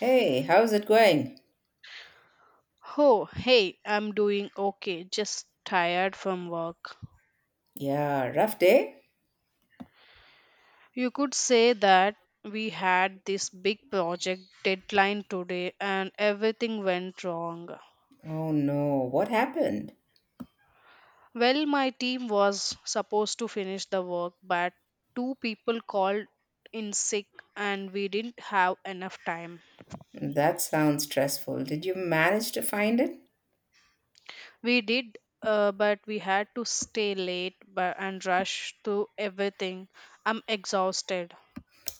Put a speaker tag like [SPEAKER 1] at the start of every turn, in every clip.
[SPEAKER 1] Hey, how's it going?
[SPEAKER 2] Oh, hey, I'm doing okay, just tired from work.
[SPEAKER 1] Yeah, rough day?
[SPEAKER 2] You could say that we had this big project deadline today and everything went wrong.
[SPEAKER 1] Oh no, what happened?
[SPEAKER 2] Well, my team was supposed to finish the work, but two people called in sick and we didn't have enough time.
[SPEAKER 1] That sounds stressful. Did you manage to find it?
[SPEAKER 2] We did, but we had to stay late but, and rush through everything. I'm exhausted.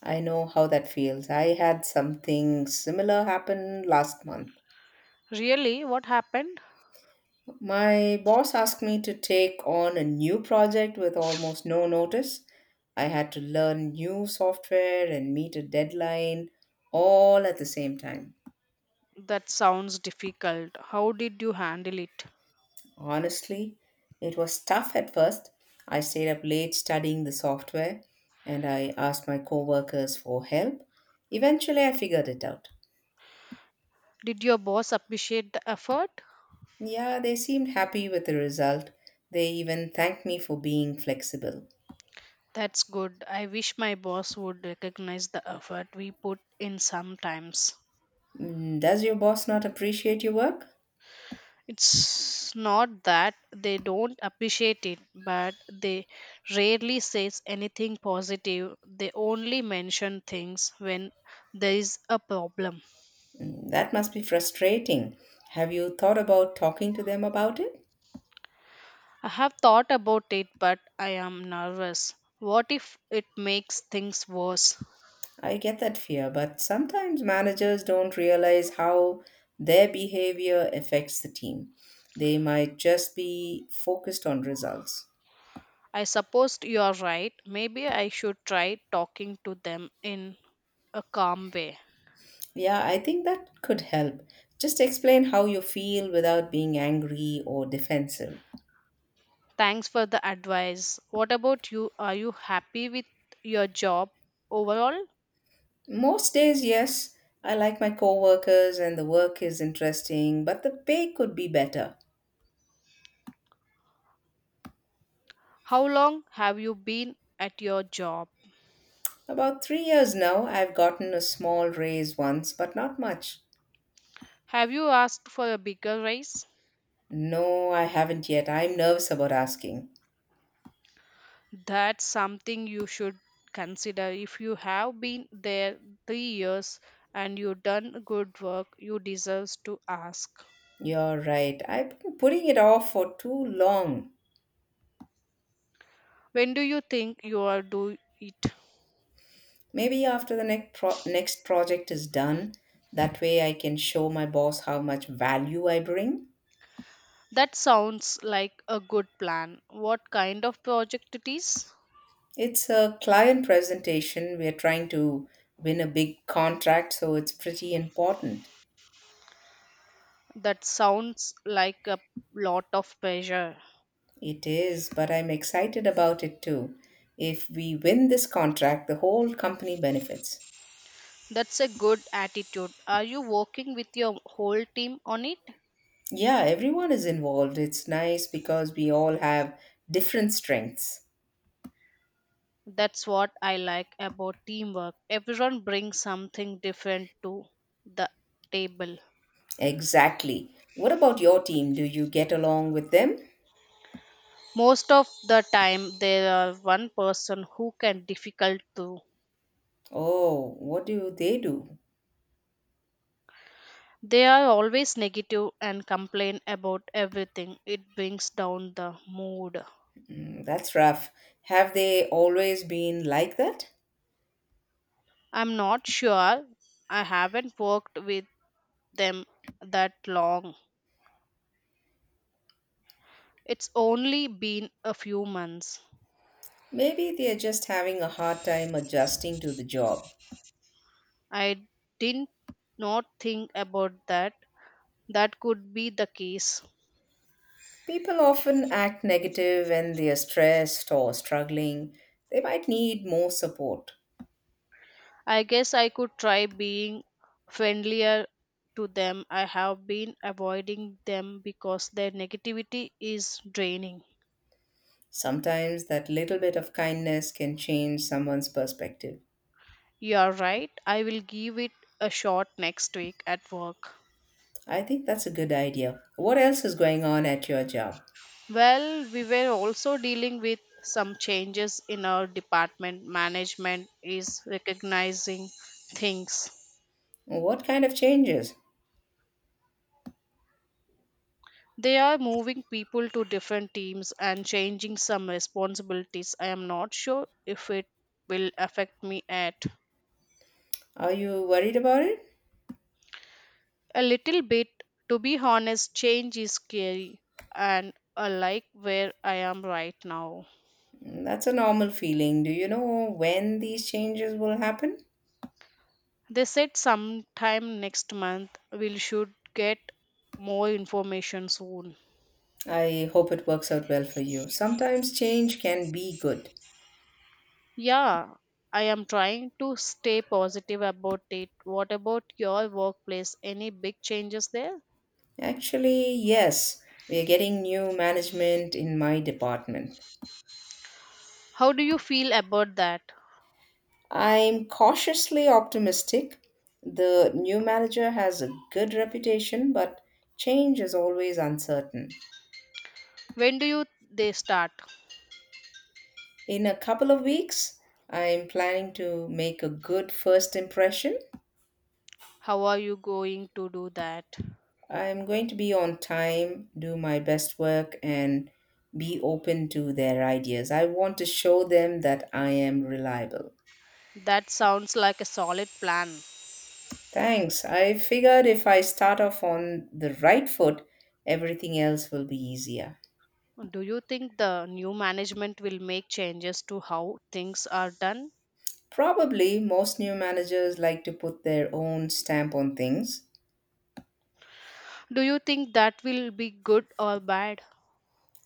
[SPEAKER 1] I know how that feels. I had something similar happen last month.
[SPEAKER 2] Really? What happened?
[SPEAKER 1] My boss asked me to take on a new project with almost no notice. I had to learn new software and meet a deadline all at the same time.
[SPEAKER 2] That sounds difficult. How did you handle it?
[SPEAKER 1] Honestly, it was tough at first. I stayed up late studying the software and I asked my coworkers for help. Eventually, I figured it out.
[SPEAKER 2] Did your boss appreciate the effort?
[SPEAKER 1] Yeah, they seemed happy with the result. They even thanked me for being flexible.
[SPEAKER 2] That's good. I wish my boss would recognize the effort we put in sometimes.
[SPEAKER 1] Mm, does your boss not appreciate your work?
[SPEAKER 2] It's not that they don't appreciate it, but they rarely says anything positive. They only mention things when there is a problem.
[SPEAKER 1] Mm, that must be frustrating. Have you thought about talking to them about it?
[SPEAKER 2] I have thought about it, but I am nervous. What if it makes things worse?
[SPEAKER 1] I get that fear, but sometimes managers don't realize how their behavior affects the team. They might just be focused on results.
[SPEAKER 2] I suppose you are right. Maybe I should try talking to them in a calm way.
[SPEAKER 1] Yeah, I think that could help. Just explain how you feel without being angry or defensive.
[SPEAKER 2] Thanks for the advice. What about you? Are you happy with your job overall?
[SPEAKER 1] Most days, yes, I like my coworkers and the work is interesting, but the pay could be better.
[SPEAKER 2] How long have you been at your job?
[SPEAKER 1] About 3 years now, I've gotten a small raise once, but not much.
[SPEAKER 2] Have you asked for a bigger raise?
[SPEAKER 1] No, I haven't yet. I'm nervous about asking.
[SPEAKER 2] That's something you should consider. If you have been there 3 years and you've done good work, you deserve to ask.
[SPEAKER 1] You're right. I've been putting it off for too long.
[SPEAKER 2] When do you think you will do it?
[SPEAKER 1] Maybe after the next project is done, that way I can show my boss how much value I bring.
[SPEAKER 2] That sounds like a good plan. What kind of project it is?
[SPEAKER 1] It's a client presentation. We're trying to win a big contract, so it's pretty important.
[SPEAKER 2] That sounds like a lot of pressure.
[SPEAKER 1] It is, but I'm excited about it too. If we win this contract, the whole company benefits.
[SPEAKER 2] That's a good attitude. Are you working with your whole team on it?
[SPEAKER 1] Yeah, everyone is involved. It's nice because we all have different strengths.
[SPEAKER 2] That's what I like about teamwork. Everyone brings something different to the table.
[SPEAKER 1] Exactly. What about your team? Do you get along with them?
[SPEAKER 2] Most of the time there are one person who can difficult to
[SPEAKER 1] Oh, what do they do?
[SPEAKER 2] they are always negative and complain about everything. It brings down the mood.
[SPEAKER 1] Mm, that's rough. Have they always been like that?
[SPEAKER 2] I'm not sure. I haven't worked with them that long. It's only been a few months.
[SPEAKER 1] Maybe they're just having a hard time adjusting to the job.
[SPEAKER 2] I didn't not think about that. That could be the case.
[SPEAKER 1] People often act negative when they're stressed or struggling. They might need more support.
[SPEAKER 2] I guess I could try being friendlier to them. I have been avoiding them because their negativity is draining.
[SPEAKER 1] Sometimes that little bit of kindness can change someone's perspective.
[SPEAKER 2] You're right. I will give it a shot next week at work.
[SPEAKER 1] I think that's a good idea. What else is going on at your job?
[SPEAKER 2] Well, we were also dealing with some changes in our department. Management is recognizing things.
[SPEAKER 1] What kind of changes?
[SPEAKER 2] They are moving people to different teams and changing some responsibilities. I am not sure if it will affect me at
[SPEAKER 1] Are you worried about it?
[SPEAKER 2] a little bit. To be honest, change is scary and I like where I am right now.
[SPEAKER 1] That's a normal feeling. Do you know when these changes will happen?
[SPEAKER 2] They said sometime next month we should get more information soon.
[SPEAKER 1] I hope it works out well for you. Sometimes change can be good.
[SPEAKER 2] Yeah, I am trying to stay positive about it. What about your workplace? Any big changes there?
[SPEAKER 1] Actually, yes, we are getting new management in my department.
[SPEAKER 2] How do you feel about that?
[SPEAKER 1] I'm cautiously optimistic. The new manager has a good reputation, but change is always uncertain.
[SPEAKER 2] When do you they start?
[SPEAKER 1] In a couple of weeks, I'm planning to make a good first impression.
[SPEAKER 2] How are you going to do that?
[SPEAKER 1] I'm going to be on time, do my best work, and be open to their ideas. I want to show them that I am reliable.
[SPEAKER 2] That sounds like a solid plan.
[SPEAKER 1] Thanks. I figured if I start off on the right foot, everything else will be easier.
[SPEAKER 2] Do you think the new management will make changes to how things are done?
[SPEAKER 1] Probably most new managers like to put their own stamp on things.
[SPEAKER 2] Do you think that will be good or bad?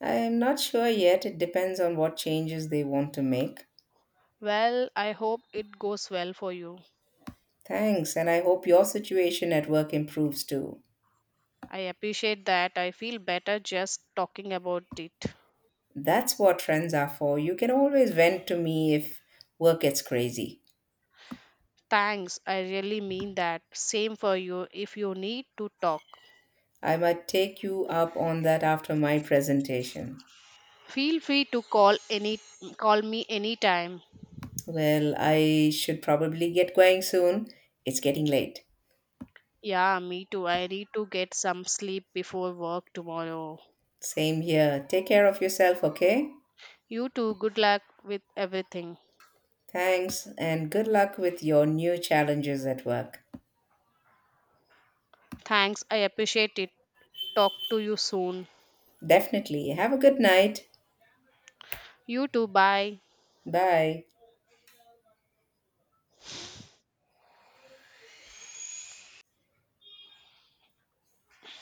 [SPEAKER 1] I am not sure yet. It depends on what changes they want to make.
[SPEAKER 2] Well, I hope it goes well for you.
[SPEAKER 1] Thanks, and I hope your situation at work improves too.
[SPEAKER 2] I appreciate that. I feel better just talking about it.
[SPEAKER 1] That's what friends are for. You can always vent to me if work gets crazy.
[SPEAKER 2] Thanks, I really mean that. Same for you if you need to talk.
[SPEAKER 1] I might take you up on that after my presentation.
[SPEAKER 2] Feel free to call any Call me anytime.
[SPEAKER 1] Well, I should probably get going soon. It's getting late.
[SPEAKER 2] Yeah, me too. I need to get some sleep before work tomorrow.
[SPEAKER 1] Same here. Take care of yourself, okay?
[SPEAKER 2] You too. Good luck with everything.
[SPEAKER 1] Thanks, and good luck with your new challenges at work.
[SPEAKER 2] Thanks. I appreciate it. Talk to you soon.
[SPEAKER 1] Definitely. Have a good night.
[SPEAKER 2] You too. Bye.
[SPEAKER 1] Bye.